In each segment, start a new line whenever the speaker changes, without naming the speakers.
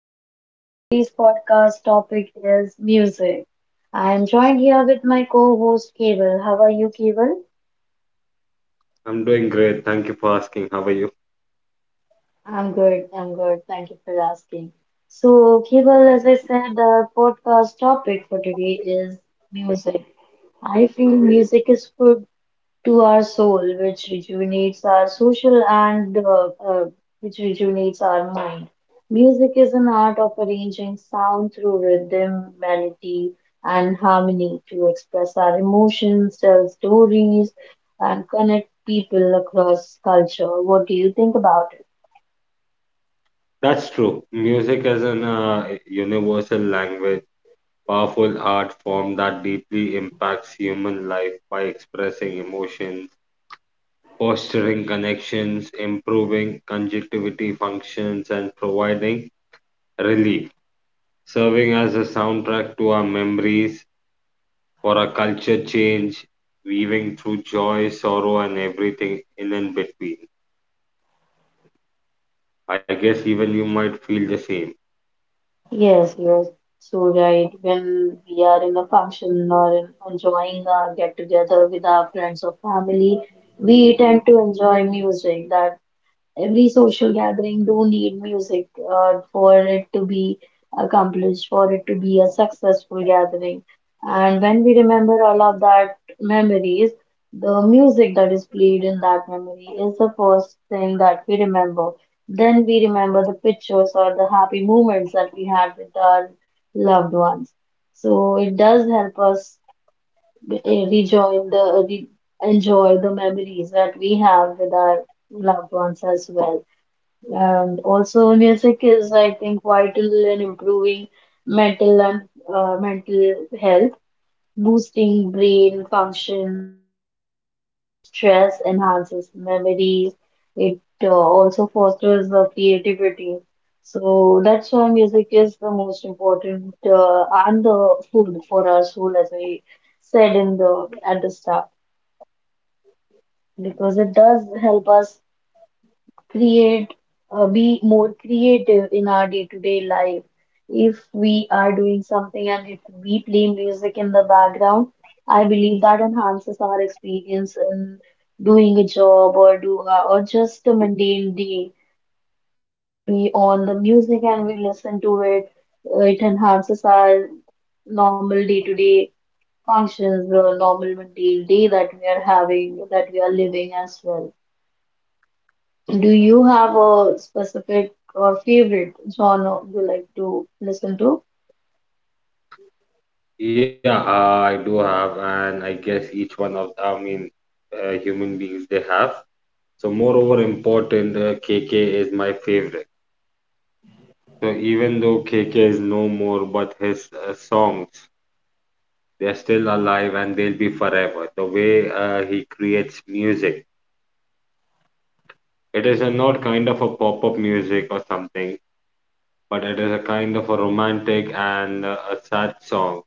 Komal. Today's podcast topic is music. I am joined here with my co-host Keval. How are you, Keval?
I'm doing great. Thank you for asking. How are you?
I'm good. I'm good. Thank you for asking. So, Keval, as I said, our podcast topic for today is music. I feel music is full, to our soul, which rejuvenates our social and which rejuvenates our mind. Music is an art of arranging sound through rhythm, melody, and harmony to express our emotions, tell stories, and connect people across culture. What do you think about it?
That's true. Music is an universal language, powerful art form that deeply impacts human life by expressing emotions, fostering connections, improving conjunctivity functions, and providing relief, serving as a soundtrack to our memories for a culture change, weaving through joy, sorrow, and everything in and between. I guess even you might feel the same.
Yes, you're so right. When we are in a function or in enjoying a get together with our friends or family, we tend to enjoy music that every social gathering do need music for it to be accomplished, for it to be a successful gathering. And when we remember all of that memories, the music that is played in that memory is the first thing that we remember. Then we remember the pictures or the happy moments that we had with our loved ones. So it does help us eh, rejoin the re enjoy the memories that we have with our loved ones as well. And also, music is, I think, vital in improving mental and mental health, boosting brain functions. It also relieves stress, enhances memories. It also fosters the creativity. So that's why music is the most important and the food for our soul, as I said in the at the start, because it does help us create be more creative in our day-to-day life if we are doing something and if we play music in the background. I believe that enhances our experience in doing a job or do or just a mundane day. If we on the music and we listen to it, it enhances our normal day-to-day functions, the normal mundane day that we are having, that we are living as well. Do you have a specific or favorite genre you like to listen to?
Yeah, I do have, and I guess each one of the, I mean, human beings they have. So, moreover, important KK is my favorite. So, even though KK is no more, but his songs they're still alive and they'll be forever. The way he creates music, it is a not kind of a pop-up music or something, but it is a kind of a romantic and a sad song,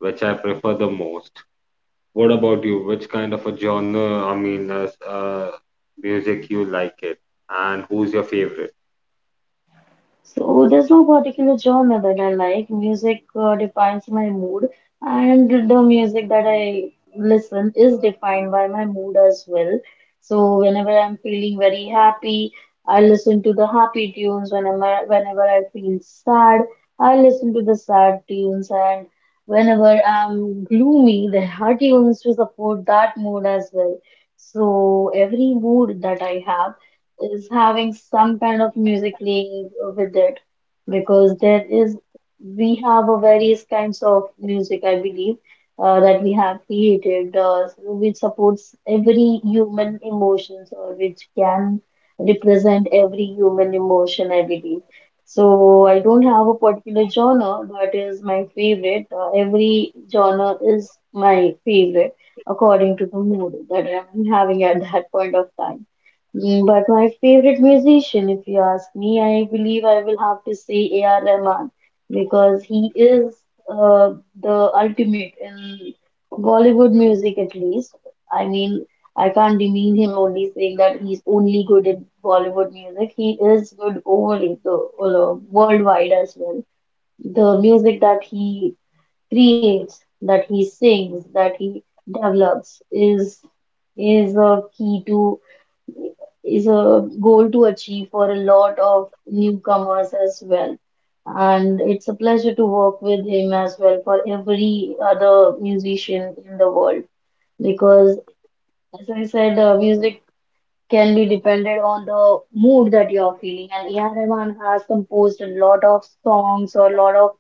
which I prefer the most. What about you? Which kind of a genre, I mean, as, music you like it, and who's your favorite?
So there's no particular genre that I like. Music defines my mood, and the music that I listen is defined by my mood as well. So whenever I'm feeling very happy, I listen to the happy tunes. Whenever I feel sad, I listen to the sad tunes. And whenever I'm gloomy, there are tunes to support that mood as well. So every mood that I have is having some kind of music playing with it, because there is we have a various kinds of music, I believe, that we have created, which supports every human emotions or which can represent every human emotion, I believe. So I don't have a particular genre that is my favorite. Every genre is my favorite according to the mood that I'm having at that point of time. Mm, but my favorite musician, if you ask me, I believe I will have to say A.R. Rahman, because he is uh, the ultimate in Bollywood music, at least. I mean, I can't demean him only saying that he's only good in Bollywood music. He is good over the worldwide as well. The music that he creates, that he sings, that he develops is a key to is a goal to achieve for a lot of newcomers as well. And it's a pleasure to work with him as well for every other musician in the world because, as I said, music can be depended on the mood that you're feeling. And A.R. Rahman has composed a lot of songs or a lot of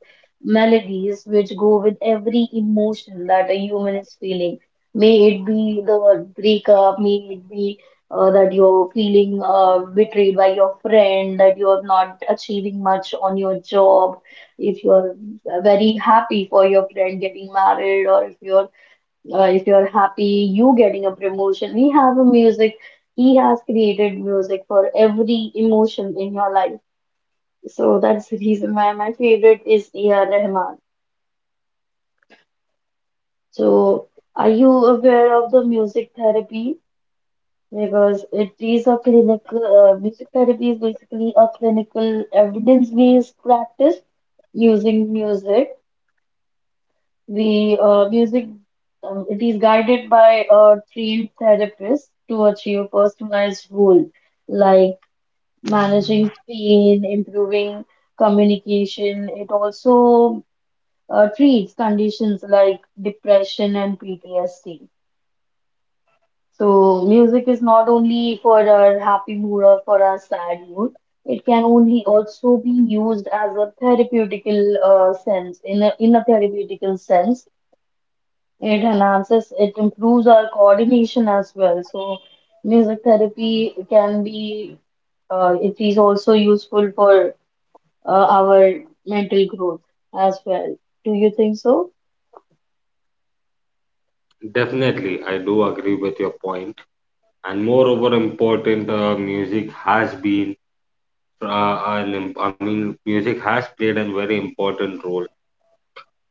melodies which go with every emotion that a human is feeling. May it be the breakup, may it be that you're feeling betrayed by your friend, that you're not achieving much on your job, if you're very happy for your friend getting married, or if you're happy, you getting a promotion. We have a music. He has created music for every emotion in your life. So that's the reason why my favorite is A.R. Rahman. So are you aware of the music therapy? Because it is a clinical, music therapy is basically a clinical evidence-based practice using music. The music It is guided by a trained therapist to achieve a personalized goal, like managing pain, improving communication. It also treats conditions like depression and PTSD. So music is not only for our happy mood or for our sad mood. It can only also be used as a therapeutical sense in a therapeutical sense. It enhances, it improves our coordination as well. So music therapy can be, it is also useful for our mental growth as well. Do you think so?
Definitely, I do agree with your point. And moreover, important music has been, an, im- I mean, music has played a very important role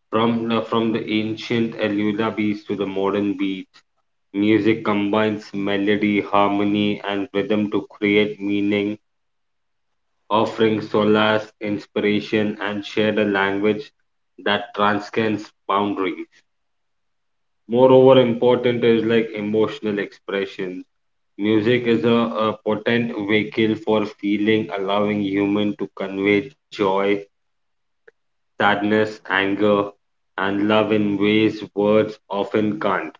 from the ancient Elula beats to the modern beats. Music combines melody, harmony, and rhythm to create meaning offering solace, inspiration, and shared a language that transcends boundaries. Moreover, important is like emotional expression. Music is a potent vehicle for feeling, allowing human to convey joy, sadness, anger, and love in ways words often can't.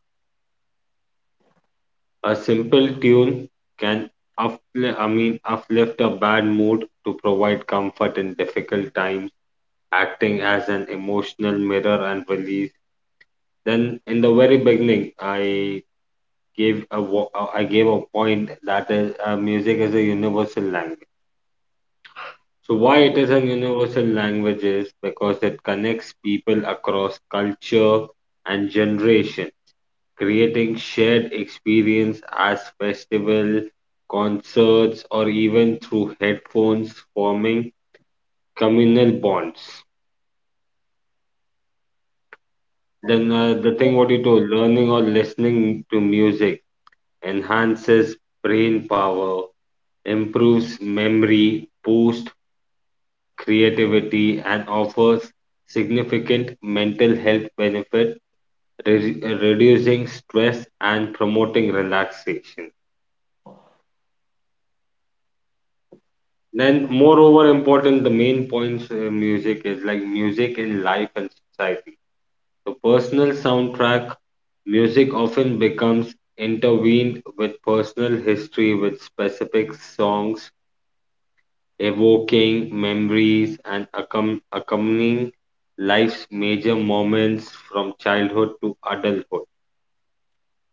A simple tune can uplift a bad mood to provide comfort in difficult times acting as an emotional mirror and release. Then in the very beginning, I gave a point that is music is a universal language. So why it is a universal language is because it connects people across culture and generation, creating shared experience as festival, concerts, or even through headphones, forming communal bonds. Then the thing what you told, learning or listening to music enhances brain power, improves memory, boosts creativity, and offers significant mental health benefit, reducing stress and promoting relaxation. Then, moreover, important the main points music is like music in life and society. The personal soundtrack, music often becomes intertwined with personal history, with specific songs evoking memories and accompanying life's major moments from childhood to adulthood.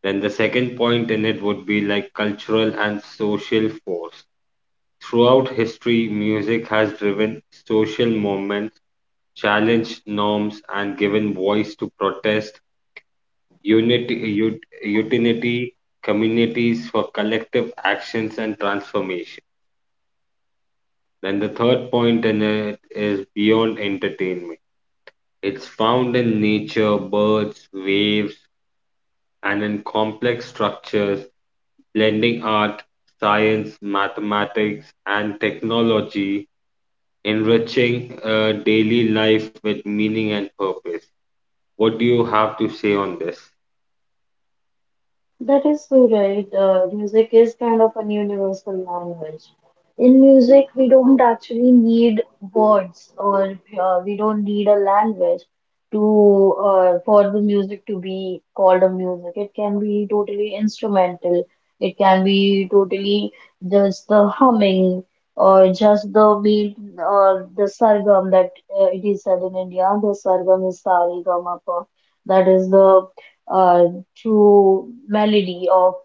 Then the second point in it would be like cultural and social force. Throughout history, music has driven social movements, challenged norms, and given voice to protest unity, utility communities for collective actions and transformation. Then the third point in it is beyond entertainment. It's found in nature, birds, waves, and in complex structures, blending art, science, mathematics, and technology, enriching daily life with meaning and purpose. What do you have to say on this?
That is so right. Music is kind of an universal language. In music, we don't actually need words, or we don't need a language to for the music to be called a music. It can be totally instrumental. It can be totally just the humming, or just the beat, or the sargam that it is said in India. The sargam is sa re ga ma pa. That is the uh, through melody of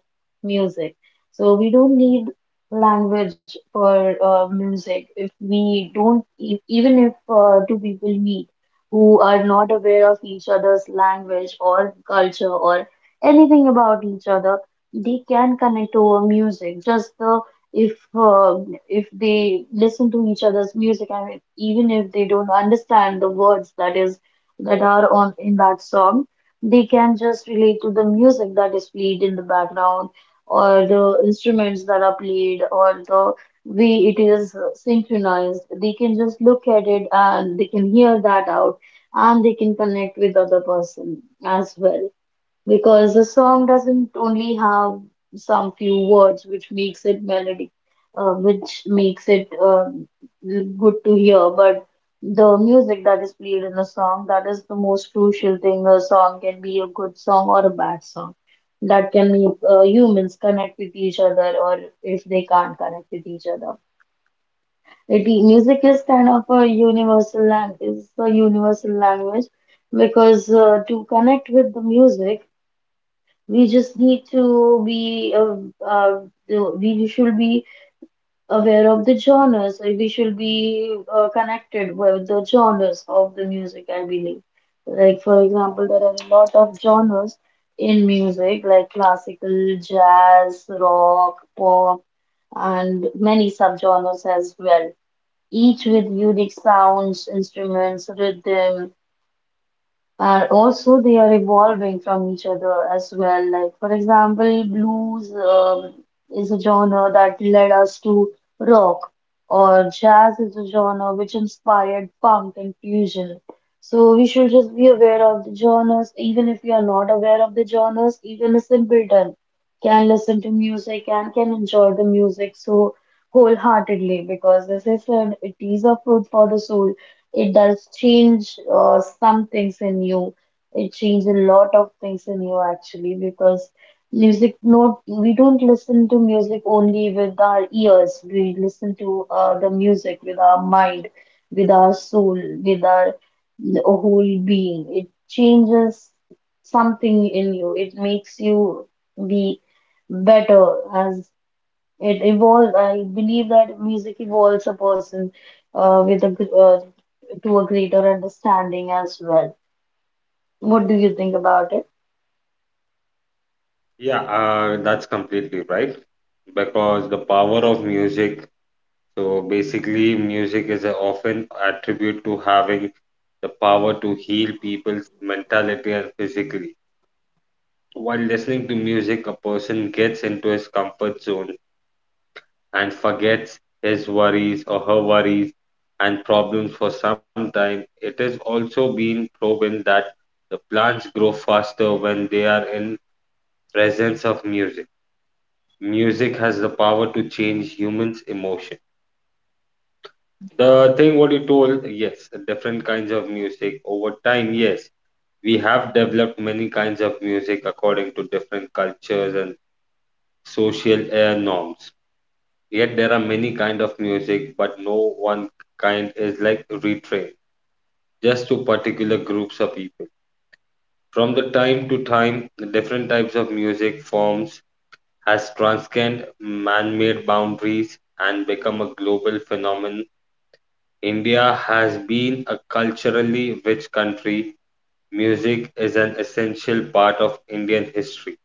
music. So we don't need language for music. If we don't, e- Even if two people meet who are not aware of each other's language or culture or anything about each other, they can connect over music. Just the if If they listen to each other's music and even if they don't understand the words that are on in that song, they can just relate to the music that is played in the background or the instruments that are played or the way it is synchronized. They can just look at it and they can hear that out and they can connect with other person as well, because the song doesn't only have some few words which makes it melody, which makes it good to hear, but the music that is played in the song, that is the most crucial thing. A song can be a good song or a bad song that can make humans connect with each other or if they can't connect with each other it, music is kind of a universal language, it's a universal language, because to connect with the music we just need to be, uh, we should be aware of the genres. Or We should be connected with the genres of the music, I believe. Like, for example, there are a lot of genres in music, like classical, jazz, rock, pop, and many subgenres as well, each with unique sounds, instruments, rhythms. Are also they are evolving from each other as well. Like for example, blues is a genre that led us to rock, or jazz is a genre which inspired punk and fusion. So we should just be aware of the genres. Even if you are not aware of the genres, even a simpleton can listen to music and can enjoy the music so wholeheartedly, because as I said, it is a food for the soul. It does change some things in you. It changes a lot of things in you actually, because music not we don't listen to music only with our ears. We listen to the music with our mind, with our soul, with our whole being. It changes something in you. It makes you be better as it evolves. I believe that music evolves a person uh, with a gr- uh, to a greater understanding as well. What do you think about it?
Yeah, that's completely right. Because the power of music, so basically, music is a often attribute to having the power to heal people's mentality and physically. While listening to music, a person gets into his comfort zone and forgets his worries or her worries and problems for some time. It has also been proven that the plants grow faster when they are in presence of music. Music has the power to change humans' emotion. The thing what you told, yes, different kinds of music over time, yes. We have developed many kinds of music according to different cultures and social norms. Yet there are many kind of music, but no one kind is like retrained just to particular groups of people. From the time to time, different types of music forms has transcended man-made boundaries and become a global phenomenon. India has been a culturally rich country. Music is an essential part of Indian history.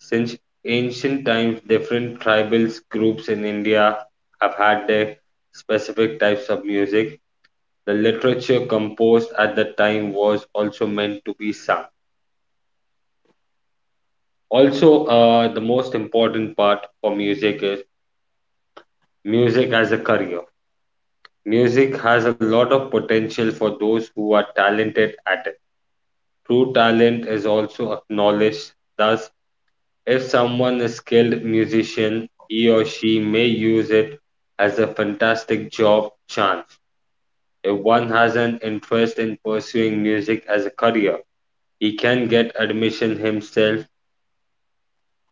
Since ancient times, different tribal groups in India have had their specific types of music. The literature composed at the time was also meant to be sung. Also, the most important part for music is music as a career. Music has a lot of potential for those who are talented at it. True talent is also acknowledged. Thus, if someone is skilled musician, he or she may use it as a fantastic job chance. If one has an interest in pursuing music as a career, he can get admission himself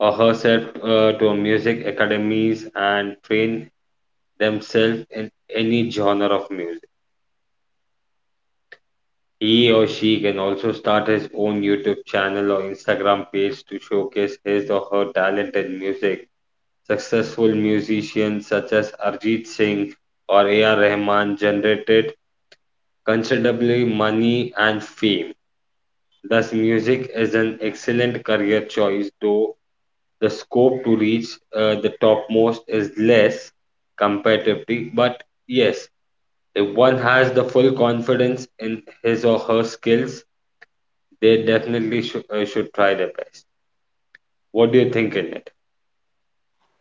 or herself to music academies and train themselves in any genre of music. He or she can also start his own YouTube channel or Instagram page to showcase his or her talent in music. Successful musicians such as Arjit Singh or A.R. Rahman generated considerably money and fame. Thus, music is an excellent career choice, though the scope to reach the topmost is less comparatively. But yes, if one has the full confidence in his or her skills, they definitely should try their best. What do you think in it?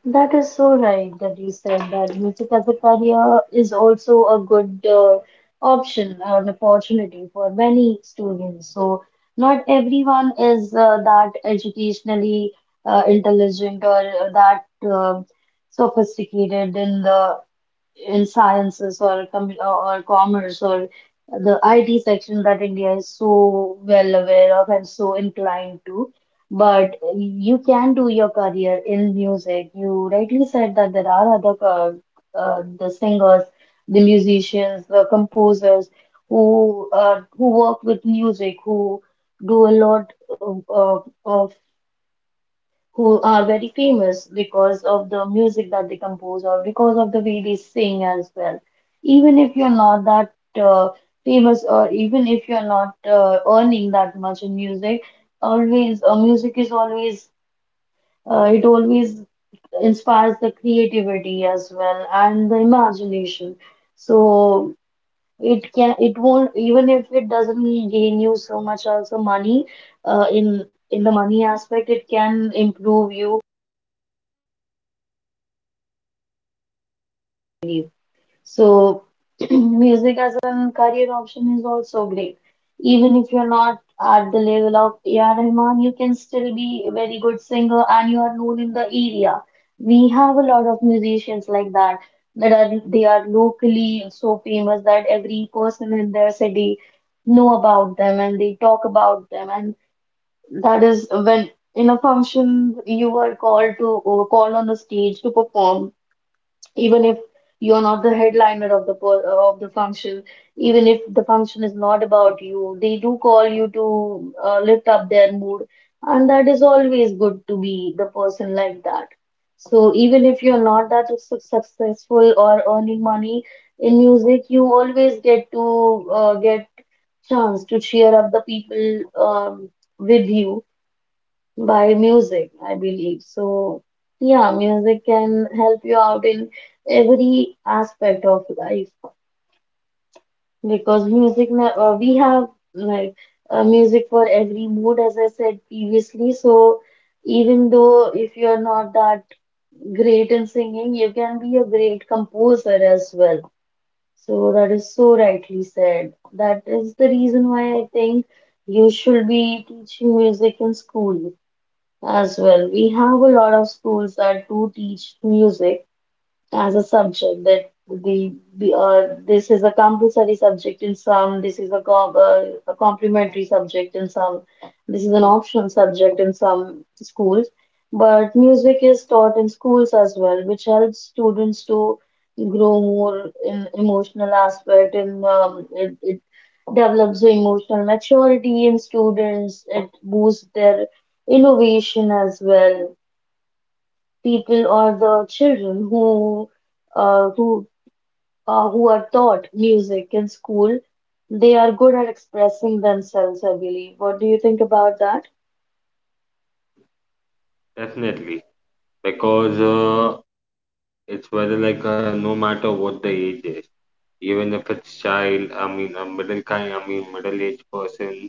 That is so right that you said that music as a career is also a good option, an opportunity for many students. So not everyone is that educationally intelligent or that sophisticated in the in sciences or commerce or the IT section that India is so well aware of and so inclined to. But you can do your career in music. You rightly said that there are other the singers, the musicians, the composers who work with music, who do a lot of who are very famous because of the music that they compose or because of the way they sing as well. Even if you're not that uh, famous or even if you're not earning that much in music, always music is always it always inspires the creativity as well and the imagination. So it can it won't even if it doesn't gain you so much also money in the money aspect, it can improve you. So, music as a career option is also great. Even if you're not at the level of A.R. Rahman, you can still be a very good singer and you are known in the area. We have a lot of musicians like that that are locally so famous that every person in their city know about them and they talk about them, and that is when in a function you are called on the stage to perform. Even if you're not the headliner of the function, even if the function is not about you, they do call you to lift up their mood, and that is always good to be the person like that. So even if you're not that successful or earning money in music, you always get to get chance to cheer up the people with you by music, I believe. So, yeah, music can help you out in every aspect of life because music, we have like music for every mood, as I said previously. So, even though if you're not that great in singing, you can be a great composer as well. So, that is so rightly said. That is the reason why I think you should be teaching music in school as well. We have a lot of schools that do teach music as a subject. That the this is a compulsory subject in some, this is a, com a complementary subject in some, this is an optional subject in some schools, but music is taught in schools as well, which helps students to grow more in emotional aspect. And it develops the emotional maturity in students. It boosts their innovation as well. People or the children who uh, who who are taught music in school, they are good at expressing themselves, I believe. What do you think about that?
Definitely, because it's whether like no matter what the age is, even if it's child, I mean a middle kind, I mean middle-aged person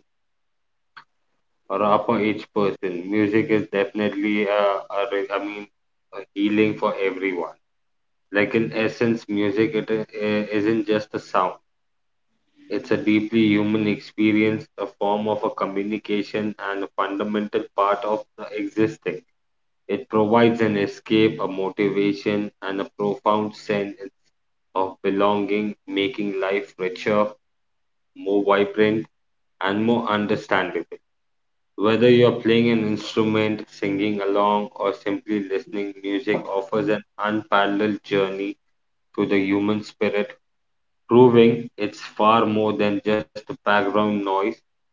or a upper age person, music is definitely a re- I mean a healing for everyone. Like in essence, music isn't just a sound. It's a deeply human experience, a form of a communication, and a fundamental part of the existing. It provides an escape, a motivation, and a profound sense of belonging, making life richer, more vibrant, and more understandable. Whether you're playing an instrument, singing along, or simply listening, music offers an unparalleled journey to the human spirit, proving it's far more than just a background noise,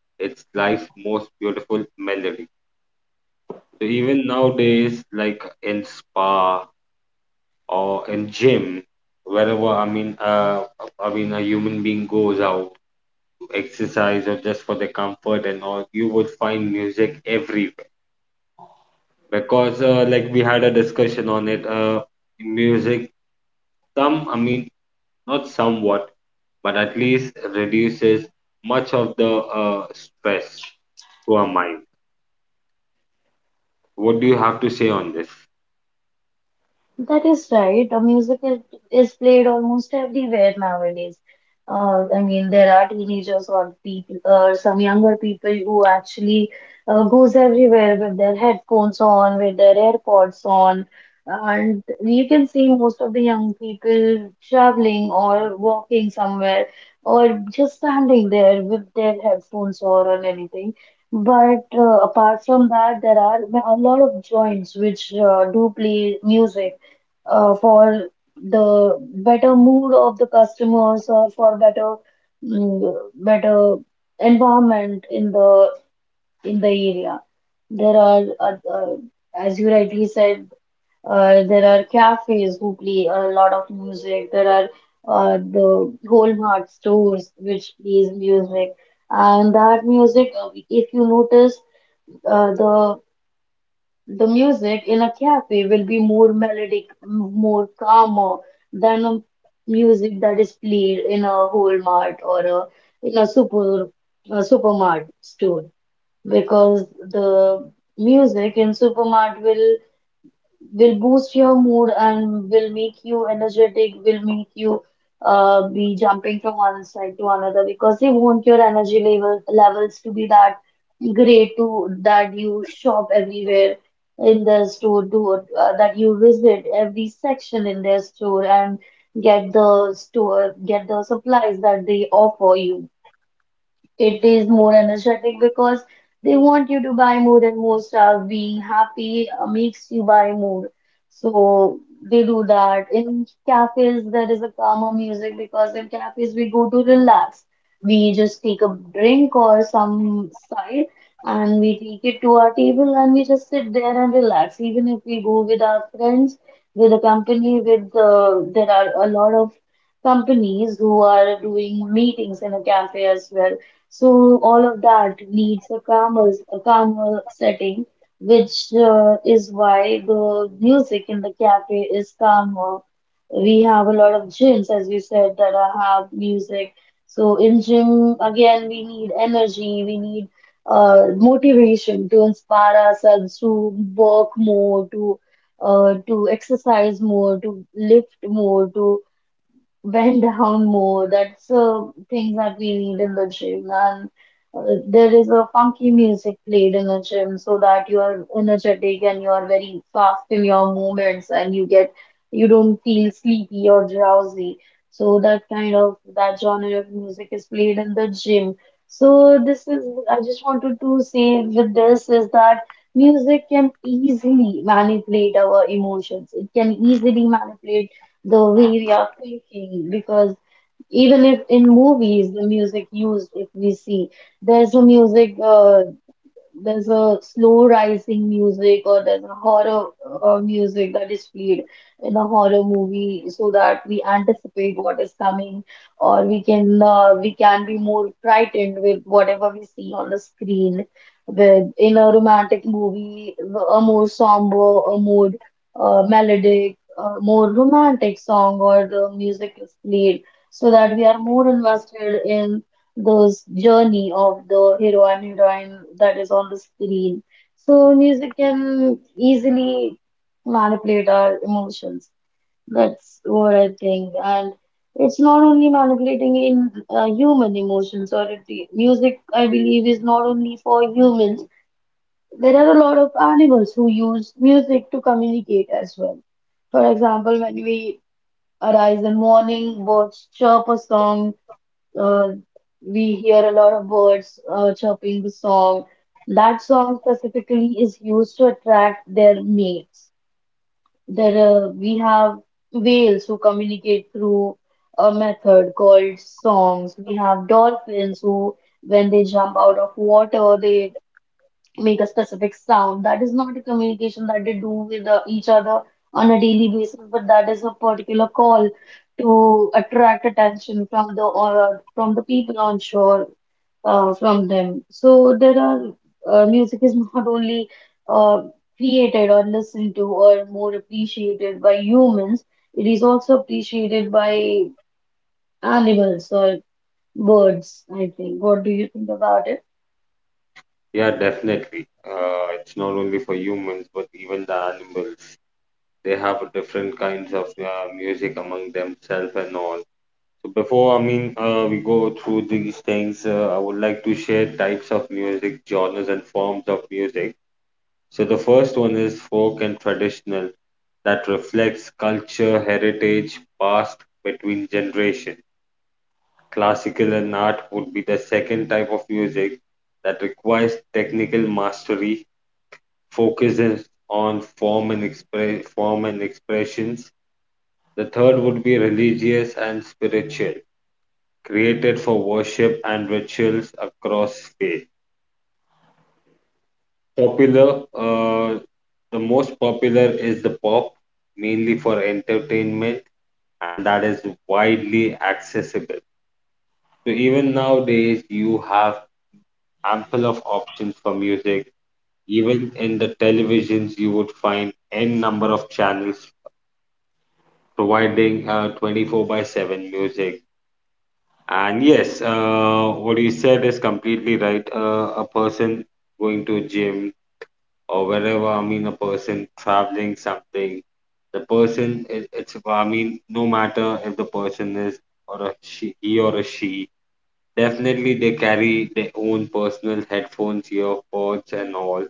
it's life's most beautiful melody. So even nowadays, like in spa or in gym, wherever I mean, a human being goes out exercise or just for the comfort and all, you would find music everywhere. Because like we had a discussion on it, music I mean, not somewhat, but at least reduces much of the stress to our mind. What do you have to say on this?
That is right. The is played almost everywhere nowadays. I mean, there are teenagers or people, or some younger people who actually goes everywhere with their headphones on, with their AirPods on, and you can see most of the young people traveling or walking somewhere or just standing there with their headphones on or anything. But apart from that, there are a lot of joints which do play music for the better mood of the customers or for better better environment in the area. There are, as you rightly said, there are cafes who play a lot of music. There are the whole mart stores which plays music, and that music, if you notice, uh, the the music in a cafe will be more melodic, more calmer than a music that is played in a whole mart, or a, in a super a supermart store, because the music in supermart will boost your mood and will make you energetic, will make you be jumping from one side to another, because they want your energy levels to be that great, to that you shop everywhere in the store, to that you visit every section in their store and get the supplies that they offer you. It is more energetic because they want you to buy more and more stuff. Being happy makes you buy more. So they do that. In cafes, there is a calmer music because in cafes we go to relax. We just take a drink or some side and we take it to our table and we just sit there and relax. Even if we go with our friends, with a company, with there are a lot of companies who are doing meetings in a cafe as well, so all of that needs a calmer setting, which is why the music in the cafe is calmer. We have a lot of gyms, as you said, have music. So in gym, again, we need energy, we need motivation to inspire ourselves to work more, to exercise more, to lift more, to went down more. That's things that we need in the gym, and there is a funky music played in the gym so that you are energetic and you are very fast in your movements, and you get you don't feel sleepy or drowsy. So that kind of that genre of music is played in the gym. So this is I just wanted to say with this is that music can easily manipulate our emotions. It can easily manipulate the way we are thinking, because even if in movies the music used, if we see, there's a music there's a slow rising music, or there's a horror music that is played in a horror movie so that we anticipate what is coming, or we can be more frightened with whatever we see on the screen. With in a romantic movie, a more somber, a more melodic, more romantic song or the music is played so that we are more invested in those journey of the hero and heroine that is on the screen. So music can easily manipulate our emotions. That's what I think. And it's not only manipulating in human emotions, or it, music, I believe, is not only for humans. There are a lot of animals who use music to communicate as well. For example, when we arise in morning, birds chirp a song, uh, we hear a lot of birds chirping the song. That song specifically is used to attract their mates. There, we have whales who communicate through a method called songs. We have dolphins who, when they jump out of water, they make a specific sound. That is not a communication that they do with each other on a daily basis, but that is a particular call to attract attention from the or from the people on shore, from them. So there are music is not only uh, created or listened to or more appreciated by humans. It is also appreciated by animals or birds, I think. What do you think about it?
Yeah, definitely. It's not only for humans, but even the animals. They have different kinds of music among themselves and all. So before, we go through these things, I would like to share types of music, genres, and forms of music. So, the first one is folk and traditional, that reflects culture, heritage, past between generation. Classical and art would be the second type of music that requires technical mastery, focuses on form and express form and expressions. The third would be religious and spiritual created for worship and rituals across faith. Popular, uh, the most popular is the pop, mainly for entertainment, and that is widely accessible. So even nowadays, you have ample of options for music. Even in the televisions, you would find n number of channels providing 24/7 music. And yes, what you said is completely right. A person going to a gym or wherever I mean a person traveling something, the person it, it's I mean no matter if the person is or a she he or a she, definitely they carry their own personal headphones, earpods and all.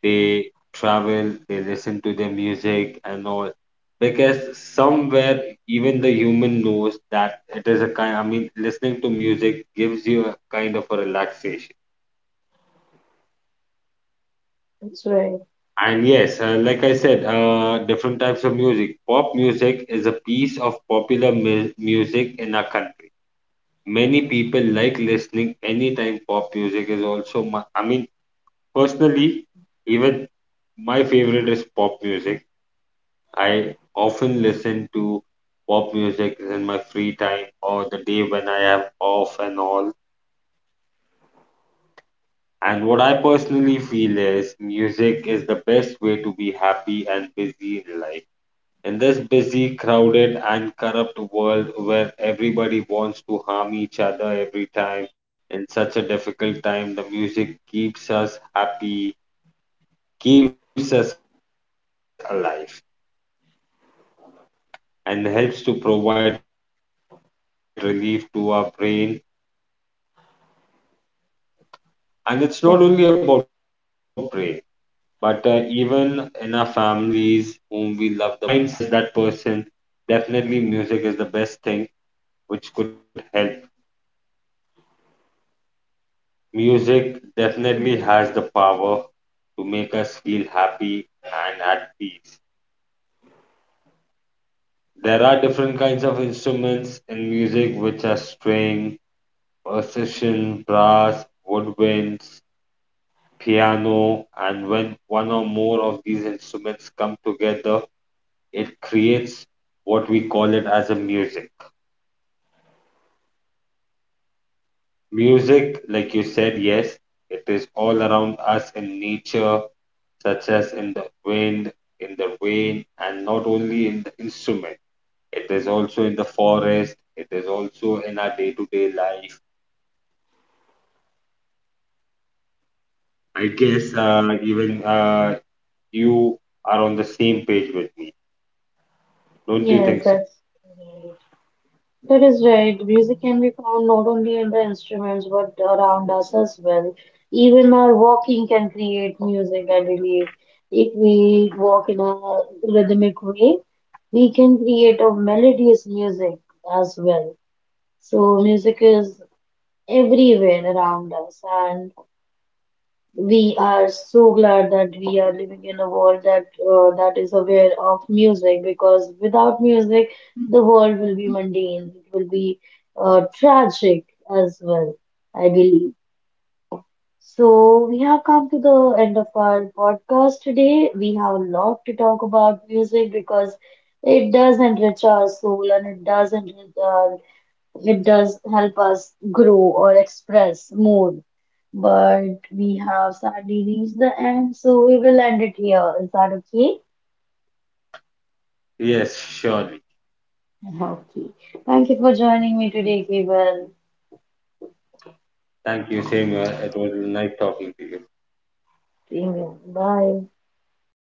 They travel, they listen to their music and all. Because somewhere even the human knows that it is a kind I mean listening to music gives you a kind of a relaxation.
That's right.
And yes, like I said, different types of music. Pop music is a piece of popular music in our country. Many people like listening anytime pop music is also I mean, personally, even my favorite is pop music. I often listen to pop music in my free time or the day when I am off and all. And what I personally feel is music is the best way to be happy and busy in life. In this busy, crowded, and corrupt world where everybody wants to harm each other every time, in such a difficult time, the music keeps us happy, keeps us alive, and helps to provide relief to our brain. And it's
That's
not only
right.
about brain, but even in our families, whom we love the most, there are multiple of musics which reminds us of them so the time when we miss that person, definitely music is the best thing which could help. Music definitely has the power to make us feel happy and at peace. There are different kinds of instruments in music which are string, percussion, brass, woodwinds, piano, and when one or more of these instruments come together, it creates what we call it as a music. Music, like you said, yes, it is all around us in nature, such as in the wind, in the rain, and not only in the instrument. It is also in the forest. It is also in our day-to-day life. I guess even you are on the same page with me. Don't you think so?
Yes, that is right. Music can be found not only in the instruments but around us as well. Even our walking can create music, I believe. If we walk in a rhythmic way, we can create a melodious music as well. So music is everywhere around us, and we are so glad that we are living in a world that that is aware of music, because without music the world will be mundane, it will be tragic as well, I believe. So we have come to the end of our podcast today. We have a lot to talk about music because it does enrich our soul, and it does it does help us grow or express more. But we have sadly reached the end, so we will end it here. Is that okay?
Yes, surely.
Okay. Thank you for joining me today, Gabriel.
Thank you, same. It was nice talking to you.
Amen. Bye.
Bye.